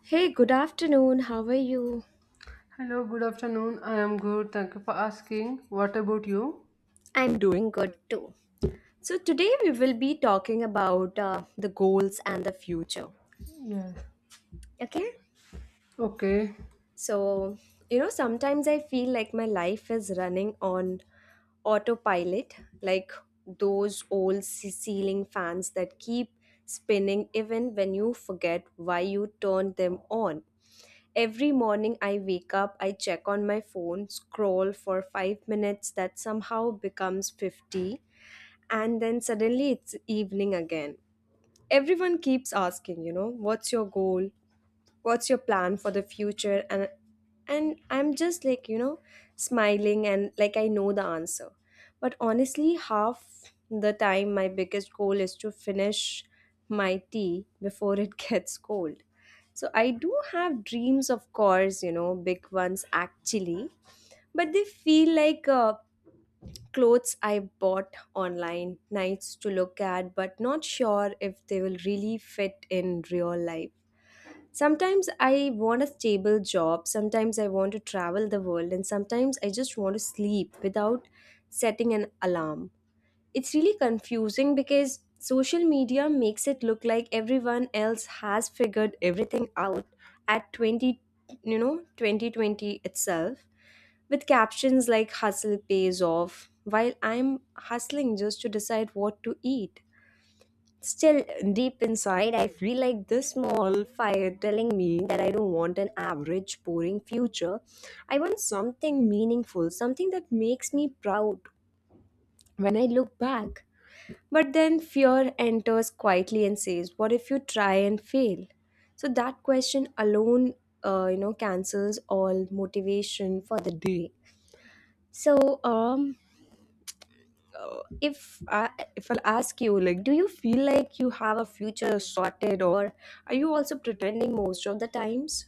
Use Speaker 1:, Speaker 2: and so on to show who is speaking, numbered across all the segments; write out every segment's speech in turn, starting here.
Speaker 1: Hey, good afternoon. How are you?
Speaker 2: Hello, good afternoon. I am good. Thank you for asking. What about you?
Speaker 1: I'm doing good too. So, today we will be talking about the goals and the future.
Speaker 2: Yes.
Speaker 1: Okay?
Speaker 2: Okay.
Speaker 1: So, sometimes I feel like my life is running on autopilot, like those old ceiling fans that keep spinning even when you forget why you turned them on. Every morning I wake up, I check on my phone, scroll for 5 minutes, that somehow becomes 50, and then suddenly it's evening again. Everyone keeps asking, what's your goal? What's your plan for the future? And I'm just like, smiling and like I know the answer. But honestly, half the time my biggest goal is to finish my tea before it gets cold. So I do have dreams, of course, you know, big ones actually, but they feel like clothes I bought online, nice to look at, but not sure if they will really fit in real life. Sometimes I want a stable job, sometimes I want to travel the world, and sometimes I just want to sleep without setting an alarm. It's really confusing because social media makes it look like everyone else has figured everything out at 20, you know, 2020 itself, with captions like hustle pays off while I'm hustling just to decide what to eat. Still, deep inside I feel like this small fire telling me that I don't want an average boring future. I want something meaningful, something that makes me proud when I look back. But then fear enters quietly and says, what if you try and fail? So that question alone, cancels all motivation for the day. So, um, uh, if I, if I'll ask you, like, do you feel like you have a future sorted, or are you also pretending most of the times?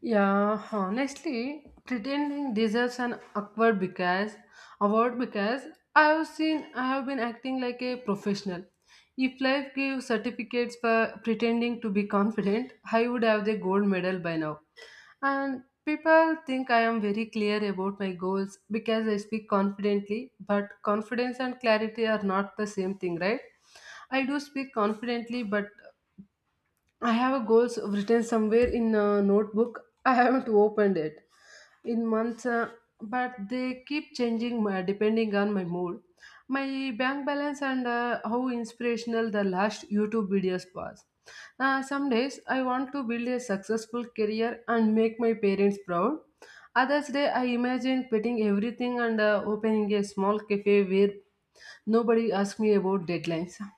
Speaker 2: Yeah, honestly, pretending deserves an awkward because award because I have been acting like a professional. If life gave certificates for pretending to be confident, I would have the gold medal by now. And people think I am very clear about my goals because I speak confidently, but confidence and clarity are not the same thing, right? I do speak confidently, but I have a goals written somewhere in a notebook. I haven't opened it in months, but they keep changing my, depending on my mood, my bank balance, and how inspirational the last YouTube videos was. Some days I want to build a successful career and make my parents proud. Others day I imagine quitting everything and opening a small cafe where nobody asks me about deadlines.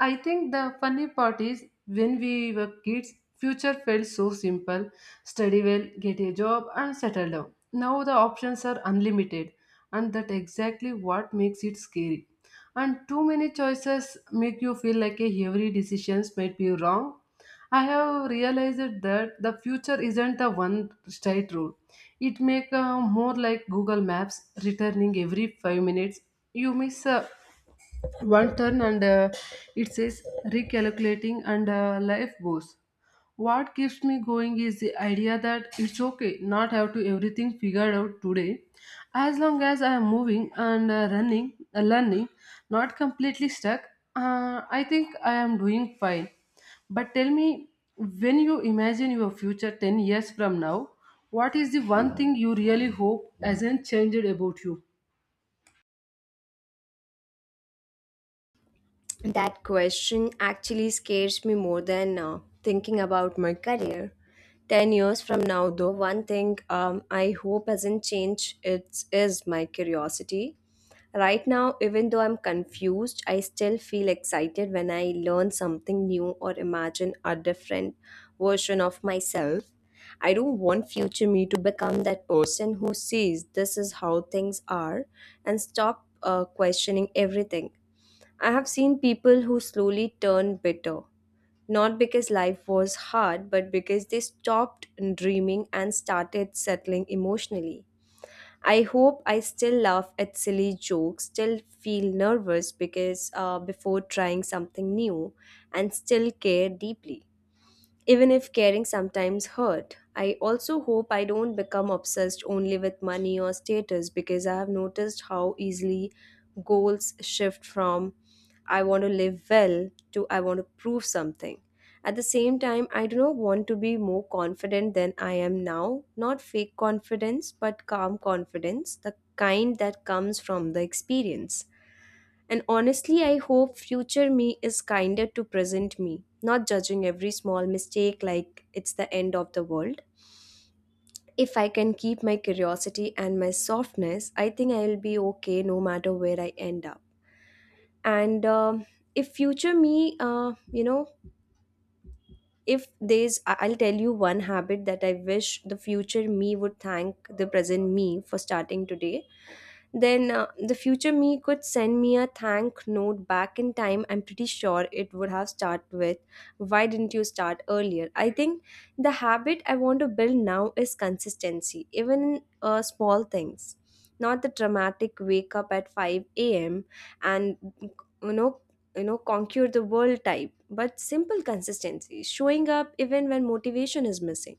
Speaker 2: I think the funny part is when we were kids, future felt so simple, study well, get a job, and settle down. Now the options are unlimited, and that exactly what makes it scary. And too many choices make you feel like a every decision might be wrong. I have realized that the future isn't a one straight road. It make more like Google Maps returning every five minutes. You miss a one turn and it says recalculating, and life goes. What keeps me going is the idea that it's okay not have to everything figured out today, as long as I am moving and running, learning, not completely stuck. I think I am doing fine. But tell me, when you imagine your future 10 years from now, what is the one thing you really hope hasn't changed about you?
Speaker 1: That question actually scares me more than thinking about my career. 10 years from now, though, one thing I hope hasn't changed it is my curiosity. Right now, even though I'm confused, I still feel excited when I learn something new or imagine a different version of myself. I don't want future me to become that person who sees this is how things are and stop questioning everything. I have seen people who slowly turned bitter, not because life was hard, but because they stopped dreaming and started settling emotionally. I hope I still laugh at silly jokes, still feel nervous because before trying something new, and still care deeply. Even if caring sometimes hurt, I also hope I don't become obsessed only with money or status because I have noticed how easily goals shift from I want to live well to I want to prove something. At the same time, I do not want to be more confident than I am now. Not fake confidence, but calm confidence, the kind that comes from the experience. And honestly, I hope future me is kinder to present me, not judging every small mistake like it's the end of the world. If I can keep my curiosity and my softness, I think I'll be okay no matter where I end up. And if future me, you know, if I'll tell you one habit that I wish the future me would thank the present me for starting today. Then the future me could send me a thank note back in time. I'm pretty sure it would have started with, why didn't you start earlier? I think the habit I want to build now is consistency, even in small things. Not the dramatic wake up at 5 a.m. and, you know you know, conquer the world type, but simple consistency, showing up even when motivation is missing.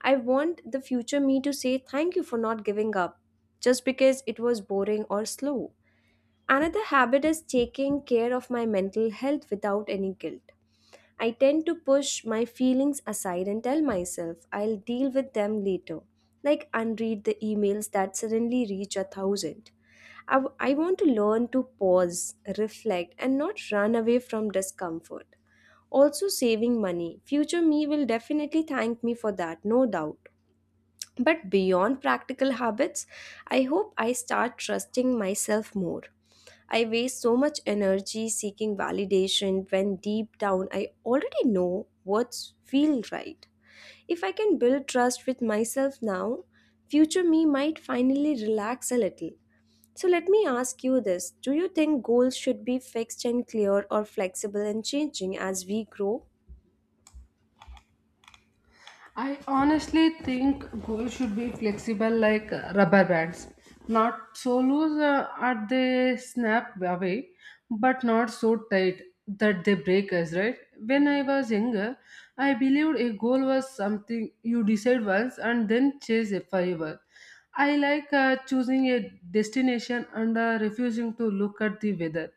Speaker 1: I want the future me to say thank you for not giving up just because it was boring or slow. Another habit is taking care of my mental health without any guilt. I tend to push my feelings aside and tell myself I'll deal with them later, like unread the emails that suddenly reach a thousand. I want to learn to pause, reflect, and not run away from discomfort. Also, saving money. Future me will definitely thank me for that, no doubt. But beyond practical habits, I hope I start trusting myself more. I waste so much energy seeking validation when deep down I already know what's feel right. If I can build trust with myself now, future me might finally relax a little. So let me ask you this. Do you think goals should be fixed and clear, or flexible and changing as we grow?
Speaker 2: I honestly think goals should be flexible like rubber bands. Not so loose are they snap away, but not so tight that they break us, right? When I was younger, I believed a goal was something you decide once and then chase it forever. I like choosing a destination and refusing to look at the weather.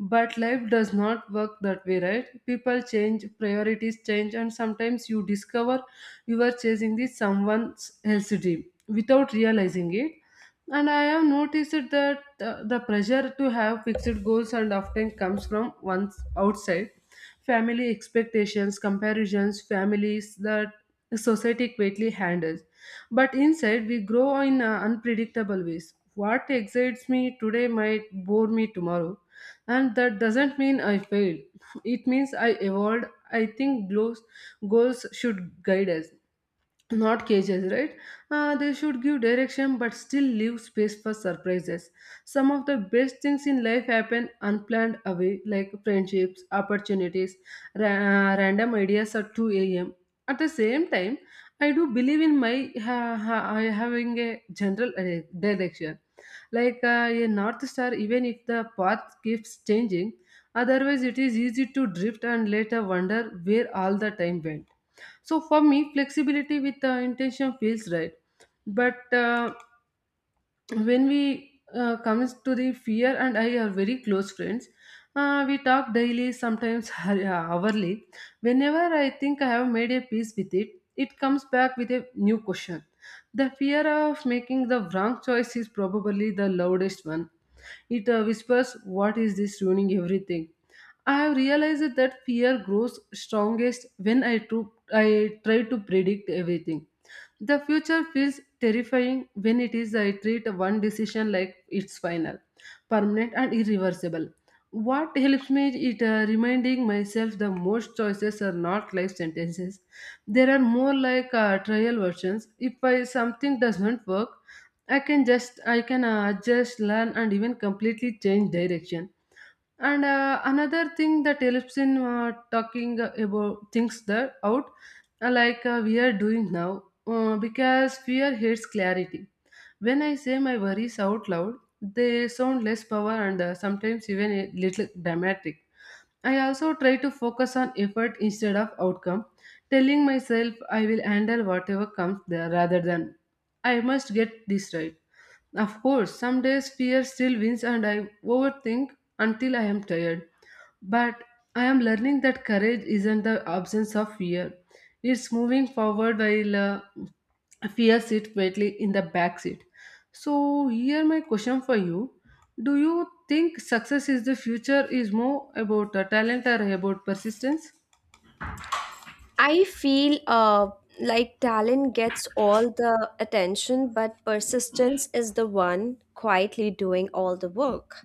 Speaker 2: But life does not work that way, right? People change, priorities change, and sometimes you discover you are chasing the someone else's dream without realizing it. And I have noticed that the pressure to have fixed goals and often comes from one's outside family expectations, comparisons, families that society quickly handles. But inside, we grow in unpredictable ways. What excites me today might bore me tomorrow, and that doesn't mean I failed. It means I evolved. I think goals should guide us, not cages, right? They should give direction but still leave space for surprises. Some of the best things in life happen unplanned away, like friendships, opportunities, ra- random ideas at 2 a.m. At the same time, I do believe in my I having a general direction, like a north star, even if the path keeps changing. Otherwise, it is easy to drift and later wonder where all the time went. So for me, flexibility with intention feels right. But when we comes to the fear and I are very close friends. We talk daily, sometimes hourly. Whenever I think I have made a peace with it, it comes back with a new question. The fear of making the wrong choice is probably the loudest one. It whispers, what is this ruining everything. I have realized that fear grows strongest when I try to predict everything. The future feels terrifying when it is I treat one decision like it's final, permanent and irreversible. What helps me is it reminding myself the most choices are not life sentences. There are more like trial versions. If I, something doesn't work, I can adjust, learn, and even completely change direction. And another thing that helps in talking about things that out, like we are doing now, because fear hates clarity. When I say my worries out loud, they sound less power and sometimes even a little dramatic. I also try to focus on effort instead of outcome, telling myself I will handle whatever comes there rather than I must get this right. Of course, some days fear still wins and I overthink until I am tired. But I am learning that courage isn't the absence of fear. It's moving forward while fear sits quietly in the back seat. So here my question for you. Do you think success is the future is more about talent or about persistence?
Speaker 1: I feel like talent gets all the attention, but persistence is the one quietly doing all the work.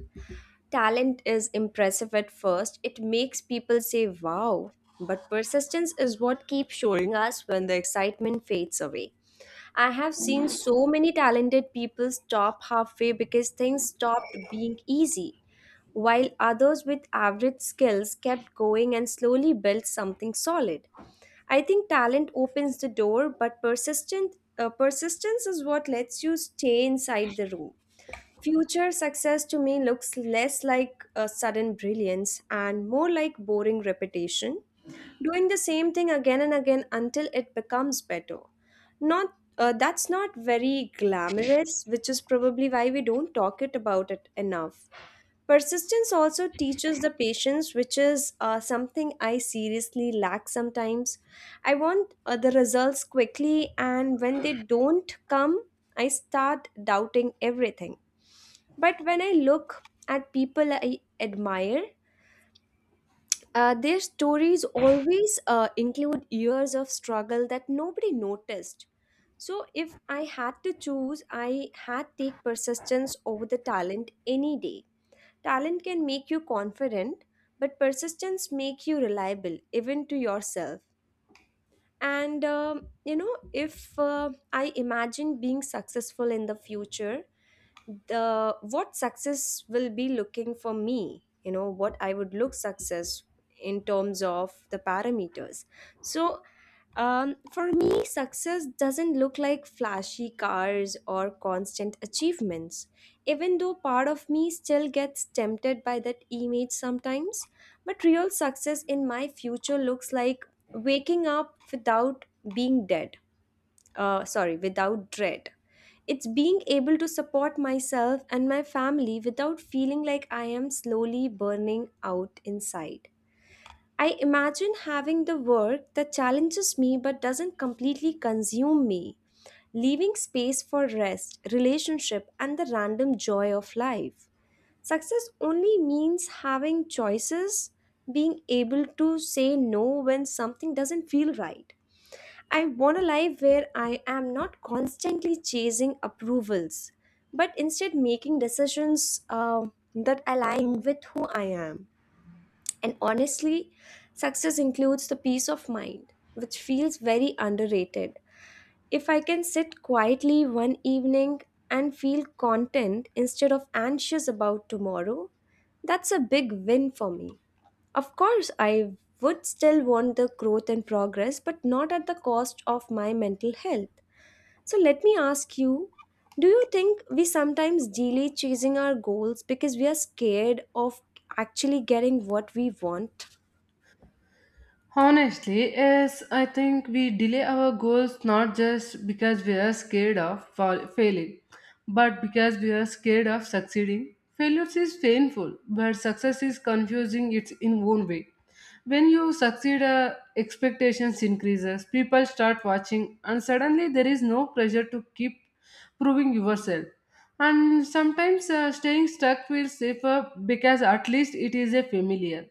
Speaker 1: Talent is impressive at first, it makes people say wow, but persistence is what keeps showing us when the excitement fades away. I have seen so many talented people stop halfway because things stopped being easy, while others with average skills kept going and slowly built something solid. I think talent opens the door, but persistent persistence is what lets you stay inside the room. Future success to me looks less like a sudden brilliance and more like boring repetition, doing the same thing again and again until it becomes better. Not that's not very glamorous, which is probably why we don't talk it about it enough. Persistence also teaches the patience, which is something I seriously lack sometimes. I want the results quickly, and when they don't come, I start doubting everything. But when I look at people I admire, their stories always include years of struggle that nobody noticed. So if I had to choose, I had take persistence over the talent any day. Talent can make you confident, but persistence make you reliable, even to yourself. If I imagine being successful in the future, the what success will be looking for me, you know, what I would look success in terms of the parameters. so for me success doesn't look like flashy cars or constant achievements, even though part of me still gets tempted by that image sometimes. But real success in my future looks like waking up without being dead, sorry, without dread. It's being able to support myself and my family without feeling like I am slowly burning out inside. I imagine having the work that challenges me but doesn't completely consume me, leaving space for rest, relationship, and the random joy of life. Success only means having choices, being able to say no when something doesn't feel right. I want a life where I am not constantly chasing approvals, but instead making decisions that align with who I am. And honestly, success includes the peace of mind, which feels very underrated. If I can sit quietly one evening and feel content instead of anxious about tomorrow, that's a big win for me. Of course, I would still want the growth and progress, but not at the cost of my mental health. So let me ask you, do you think we sometimes delay chasing our goals because we are scared of actually getting what we want?
Speaker 2: Honestly, yes, I think we delay our goals not just because we are scared of failing, but because we are scared of succeeding. Failure is painful, but success is confusing its in own way. When you succeed, expectations increases, people start watching, and suddenly there is no pressure to keep proving yourself. And sometimes staying stuck feels safer because at least it is a familiar.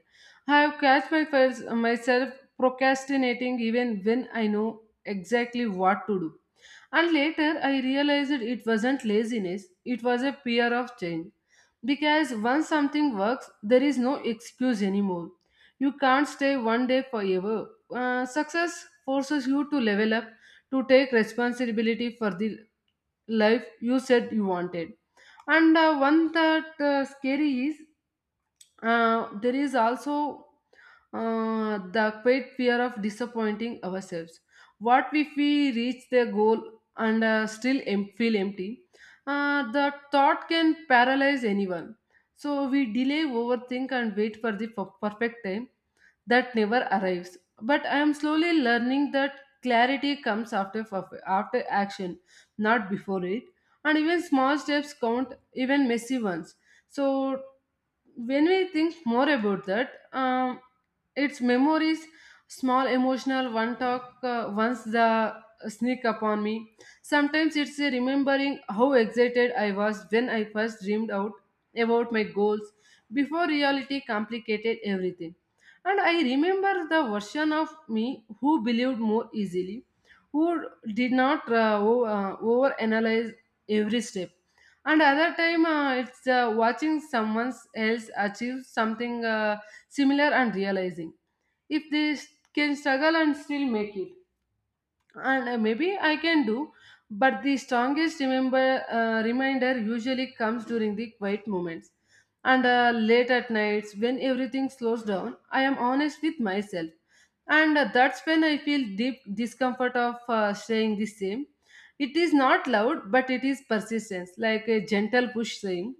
Speaker 2: I have catch my first, myself procrastinating even when I know exactly what to do. And later I realized it wasn't laziness, it was a fear of change. Because once something works, there is no excuse anymore. You can't stay one day forever. Success forces you to level up, to take responsibility for the life you said you wanted. And one that scary is there is also the great fear of disappointing ourselves. What if we reach the goal and still feel empty? The thought can paralyze anyone. So we delay, overthink, and wait for the perfect time that never arrives. But I am slowly learning that clarity comes after after action, not before it. And even small steps count, even messy ones. So when we think more about that, its memories, small emotional one talk once the sneak upon me. Sometimes it's a remembering how excited I was when I first dreamed out about my goals, before reality complicated everything. And I remember the version of me who believed more easily, who did not over analyze every step. And other time, it's watching someone else achieve something similar, and realizing if can struggle and still make it, and maybe I can do. But the strongest remember reminder usually comes during the quiet moments, and late at nights when everything slows down, I am honest with myself. And that's when I feel deep discomfort of saying the same. It is not loud but it is persistence, like a gentle push saying,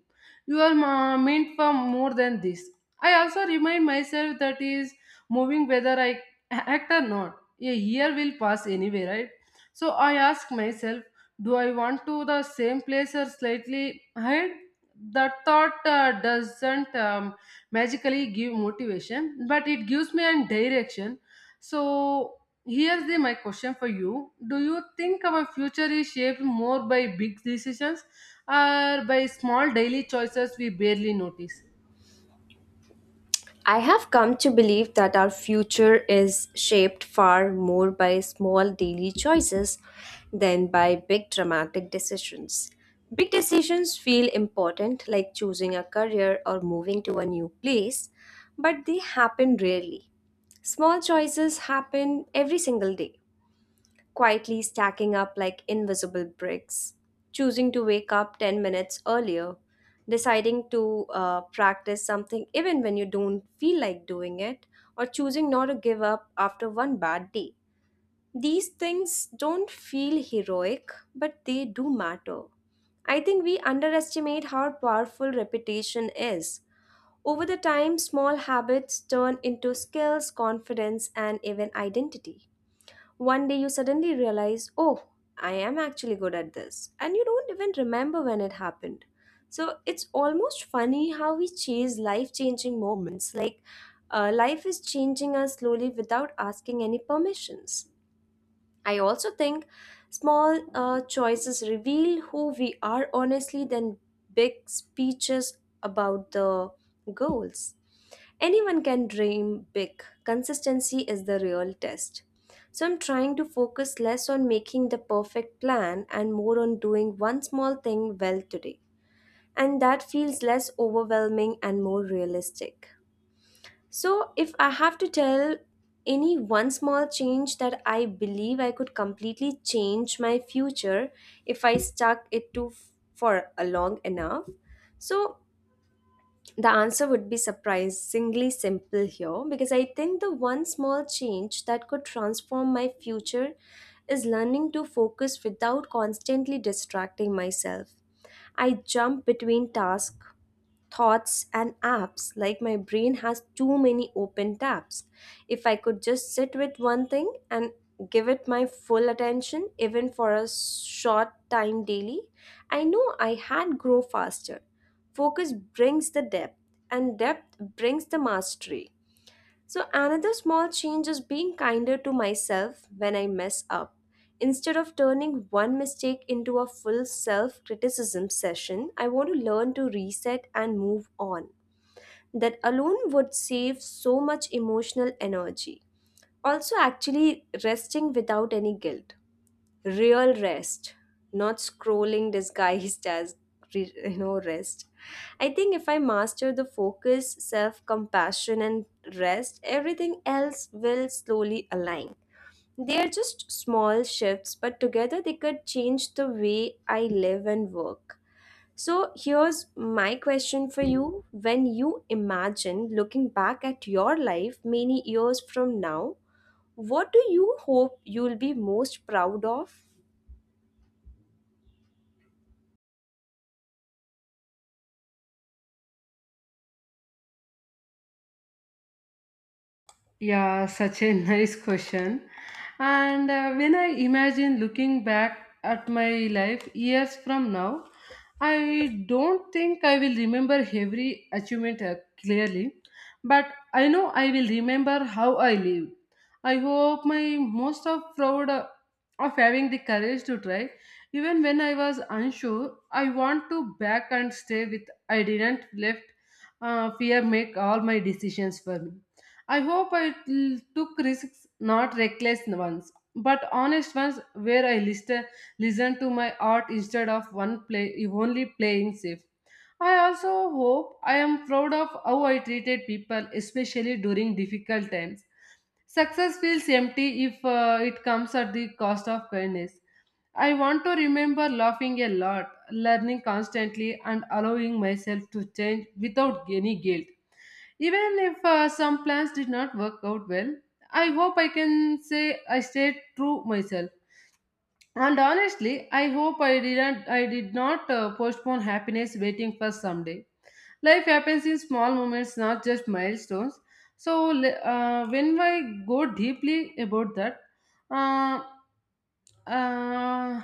Speaker 2: you are meant for more than this. I also remind myself that is moving whether I act or not. A year will pass anyway, right? So I ask myself, do I want to the same place or slightly ahead? That thought doesn't magically give motivation, but it gives me a direction. So here's the my question for you. Do you think our future is shaped more by big decisions or by small daily choices we barely notice?
Speaker 1: I have come to believe that our future is shaped far more by small daily choices than by big dramatic decisions. Big decisions feel important, like choosing a career or moving to a new place, but they happen rarely. Small choices happen every single day, quietly stacking up like invisible bricks, choosing to wake up 10 minutes earlier, deciding to practice something even when you don't feel like doing it, or choosing not to give up after one bad day. These things don't feel heroic, but they do matter. I think we underestimate how powerful repetition is. Over the time, small habits turn into skills, confidence, and even identity. One day you suddenly realize, oh, I am actually good at this, and you don't even remember when it happened. So it's almost funny how we chase life changing moments. Like life is changing us slowly without asking any permissions. I also think small choices reveal who we are honestly than big speeches about the goals. Anyone can dream big. Consistency is the real test. So I'm trying to focus less on making the perfect plan and more on doing one small thing well today. And that feels less overwhelming and more realistic. So if I have to tell any one small change that I believe I could completely change my future if I stuck it to for a long enough. So the answer would be surprisingly simple here because I think the one small change that could transform my future is learning to focus without constantly distracting myself. I jump between tasks, thoughts and apps like my brain has too many open tabs. If I could just sit with one thing and give it my full attention even for a short time daily, I know I had grow faster. Focus brings the depth, and depth brings the mastery. So, another small change is being kinder to myself when I mess up. Instead of turning one mistake into a full self criticism session, I want to learn to reset and move on. That alone would save so much emotional energy. Also, actually resting without any guilt, real rest, not scrolling disguised as rest. I think if I master the focus, self compassion and rest, everything else will slowly align. They are just small shifts, but together they could change the way I live and work. So here's my question for you: when you imagine looking back at your life many years from now, what do you hope you'll be most proud of?
Speaker 2: Yeah, such a nice question. And when I imagine looking back at my life years from now, I don't think I will remember every achievement clearly, but I know I will remember how I lived. I hope my most of proud of having the courage to try. Even when I was unsure, I want to back and stay with I didn't let fear make all my decisions for me. I hope took risks, not reckless ones, but honest ones where listen to my art instead of one play only playing safe. I also hope I am proud of how I treated people, especially during difficult times. Success feels empty if it comes at the cost of kindness. I want to remember laughing a lot, learning constantly, and allowing myself to change without any guilt. Even if some plans did not work out well, I hope I can say I stayed true myself. And honestly, I did not postpone happiness waiting for someday. Life happens in small moments, not just milestones. So when I go deeply about that, uh, uh,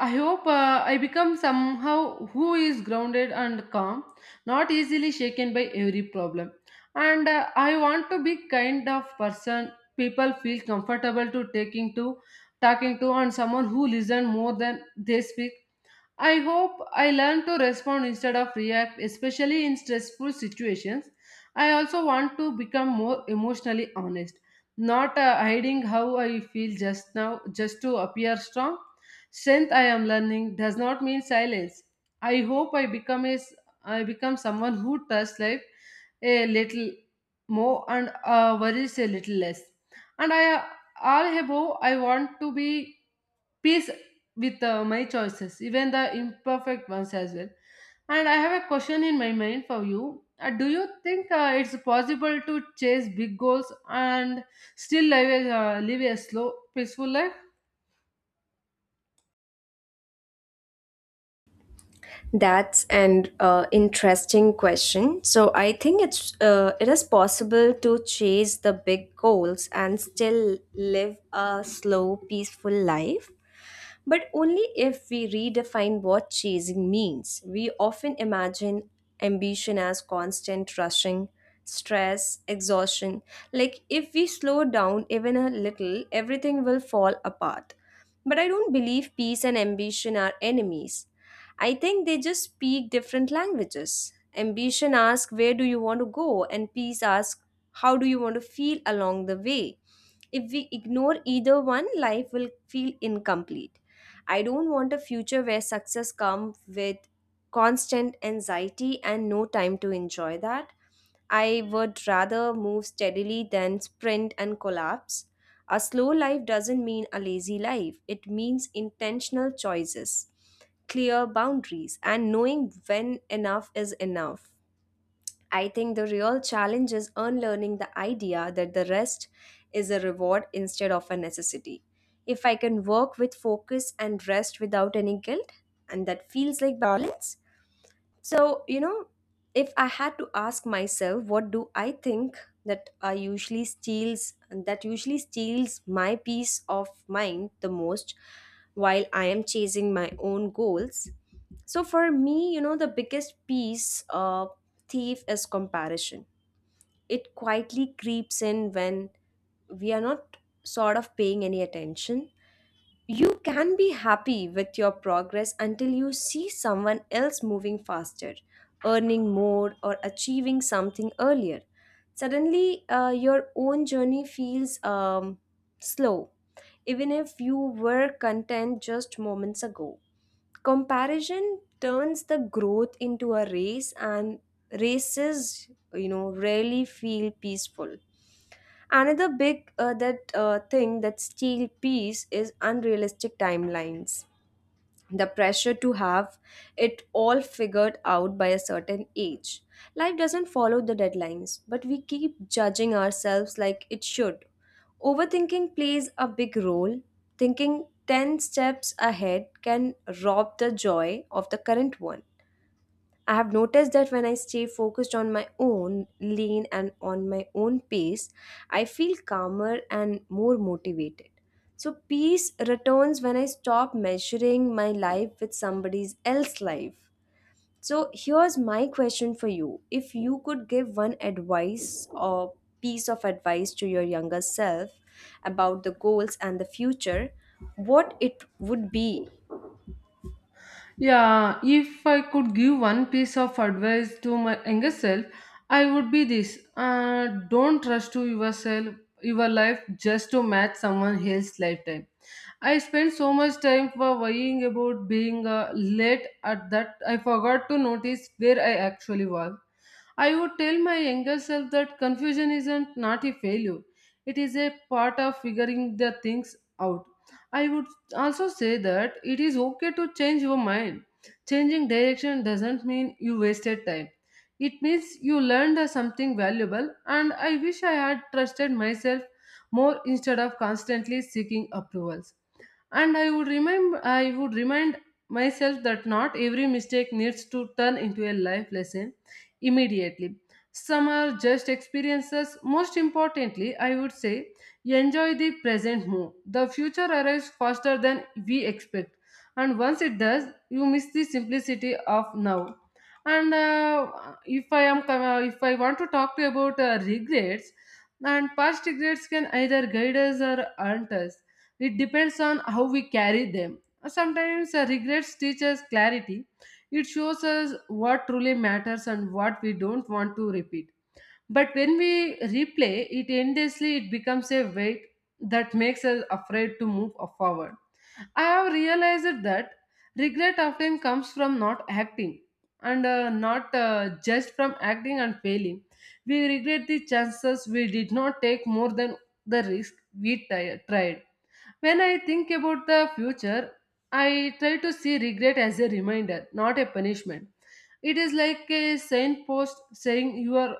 Speaker 2: I hope I become somehow who is grounded and calm, not easily shaken by every problem. And I want to be kind of person people feel comfortable to taking to talking to, and someone who listen more than they speak. I hope I learn to respond instead of react, especially in stressful situations. I also want to become more emotionally honest, not hiding how I feel just to appear strong. Strength, I am learning, does not mean silence. I hope I become someone who trusts life a little more, and worries a little less. And I all above, I want to be peace with my choices, even the imperfect ones as well. And I have a question in my mind for you. Do you think it's possible to chase big goals and live a slow, peaceful life?
Speaker 1: That's an interesting question. So I think it is possible to chase the big goals and still live a slow, peaceful life. But only if we redefine what chasing means. We often imagine ambition as constant rushing, stress, exhaustion. Like if we slow down even a little, everything will fall apart. But I don't believe peace and ambition are enemies. I think they just speak different languages. Ambition asks, where do you want to go? And peace asks, how do you want to feel along the way? If we ignore either one, life will feel incomplete. I don't want a future where success comes with constant anxiety and no time to enjoy that. I would rather move steadily than sprint and collapse. A slow life doesn't mean a lazy life, it means intentional choices, clear boundaries and knowing when enough is enough. I think the real challenge is unlearning the idea that the rest is a reward instead of a necessity. If I can work with focus and rest without any guilt, and that feels like balance. So, you know, if I had to ask myself, what do I think that usually steals my peace of mind the most while I am chasing my own goals? So for me, you know, the biggest piece of thief is comparison. It quietly creeps in when we are not sort of paying any attention. You can be happy with your progress until you see someone else moving faster, earning more, or achieving something earlier. Suddenly, your own journey feels slow, even if you were content just moments ago. Comparison turns the growth into a race, and races, you know, rarely feel peaceful. Another big that thing that steal peace is unrealistic timelines, the pressure to have it all figured out by a certain age. Life doesn't follow the deadlines, but we keep judging ourselves like it should. Overthinking plays a big role. Thinking 10 steps ahead can rob the joy of the current one. I have noticed that when I stay focused on my own lane and on my own pace, I feel calmer and more motivated. So, peace returns when I stop measuring my life with somebody else's life. So, here's my question for you. If you could give one advice or piece of advice to your younger self about the goals and the future, what it would be?
Speaker 2: Yeah, if I could give one piece of advice to my younger self, I would be this. Don't rush to yourself, your life just to match someone else's lifetime. I spent so much time for worrying about being late at that I forgot to notice where I actually was. I would tell my younger self that confusion isn't not a failure. It is a part of figuring the things out. I would also say that it is okay to change your mind. Changing direction doesn't mean you wasted time. It means you learned something valuable, and I wish I had trusted myself more instead of constantly seeking approvals. And I would remind myself that not every mistake needs to turn into a life lesson immediately. Some are just experiences. Most importantly, I would say enjoy the present more. The future arrives faster than we expect, and once it does, you miss the simplicity of now. And if I am if I want to talk to you about regrets and past, regrets can either guide us or haunt us. It depends on how we carry them. Sometimes regrets teach us clarity. It shows us what truly matters and what we don't want to repeat. But when we replay it endlessly, it becomes a weight that makes us afraid to move forward. I have realized that regret often comes from not acting, and not just from acting and failing. We regret the chances we did not take more than the risk we tried. When I think about the future, I try to see regret as a reminder, not a punishment. It is like a signpost saying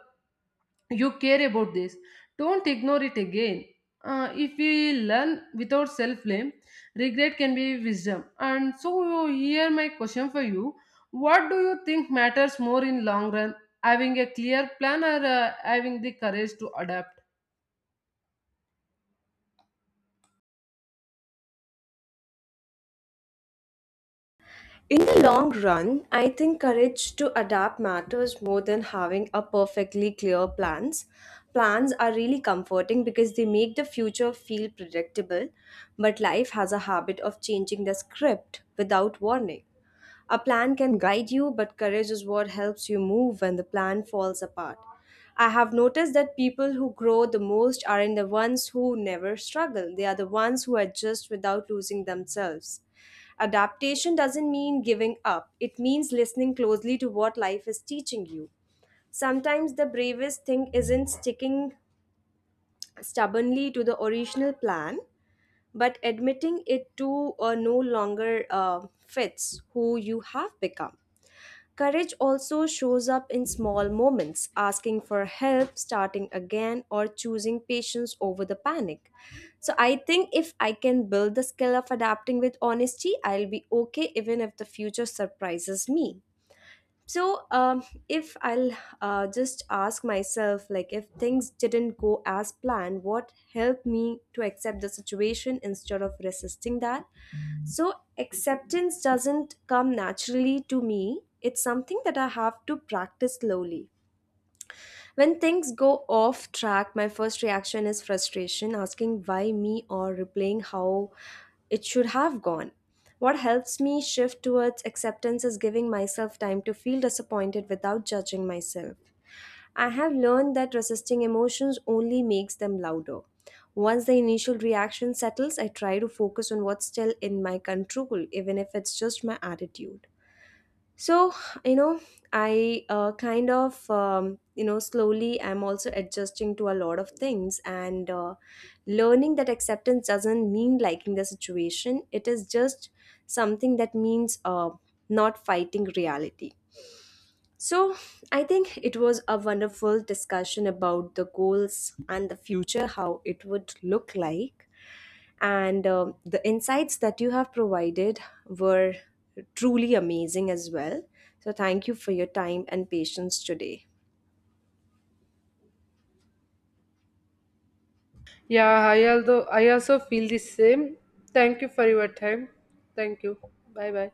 Speaker 2: you care about this. Don't ignore it again. If we learn without self blame, regret can be wisdom. And so here my question for you: what do you think matters more in long run? Having a clear plan, or having the courage to adapt?
Speaker 1: In the long run, I think courage to adapt matters more than having a perfectly clear plans. Plans are really comforting because they make the future feel predictable, but life has a habit of changing the script without warning. A plan can guide you, but courage is what helps you move when the plan falls apart. I have noticed that people who grow the most aren't the ones who never struggle, they are the ones who adjust without losing themselves. Adaptation doesn't mean giving up, it means listening closely to what life is teaching you. Sometimes the bravest thing isn't sticking stubbornly to the original plan, but admitting it to or no longer fits who you have become. Courage also shows up in small moments, asking for help, starting again, or choosing patience over the panic. So, I think if I can build the skill of adapting with honesty, I'll be okay even if the future surprises me. So, if I'll just ask myself, like, if things didn't go as planned, what helped me to accept the situation instead of resisting that? So, acceptance doesn't come naturally to me. It's something that I have to practice slowly. When things go off track, my first reaction is frustration, asking why me or replaying how it should have gone. What helps me shift towards acceptance is giving myself time to feel disappointed without judging myself. I have learned that resisting emotions only makes them louder. Once the initial reaction settles, I try to focus on what's still in my control, even if it's just my attitude. So, you know, I kind of, you know, slowly I'm also adjusting to a lot of things and learning that acceptance doesn't mean liking the situation. It is just something that means not fighting reality. So, I think it was a wonderful discussion about the goals and the future, how it would look like. And the insights that you have provided were truly amazing as well. So, thank you for your time and patience today.
Speaker 2: Yeah, I although I also feel the same. Thank you for your time. Thank you. Bye bye.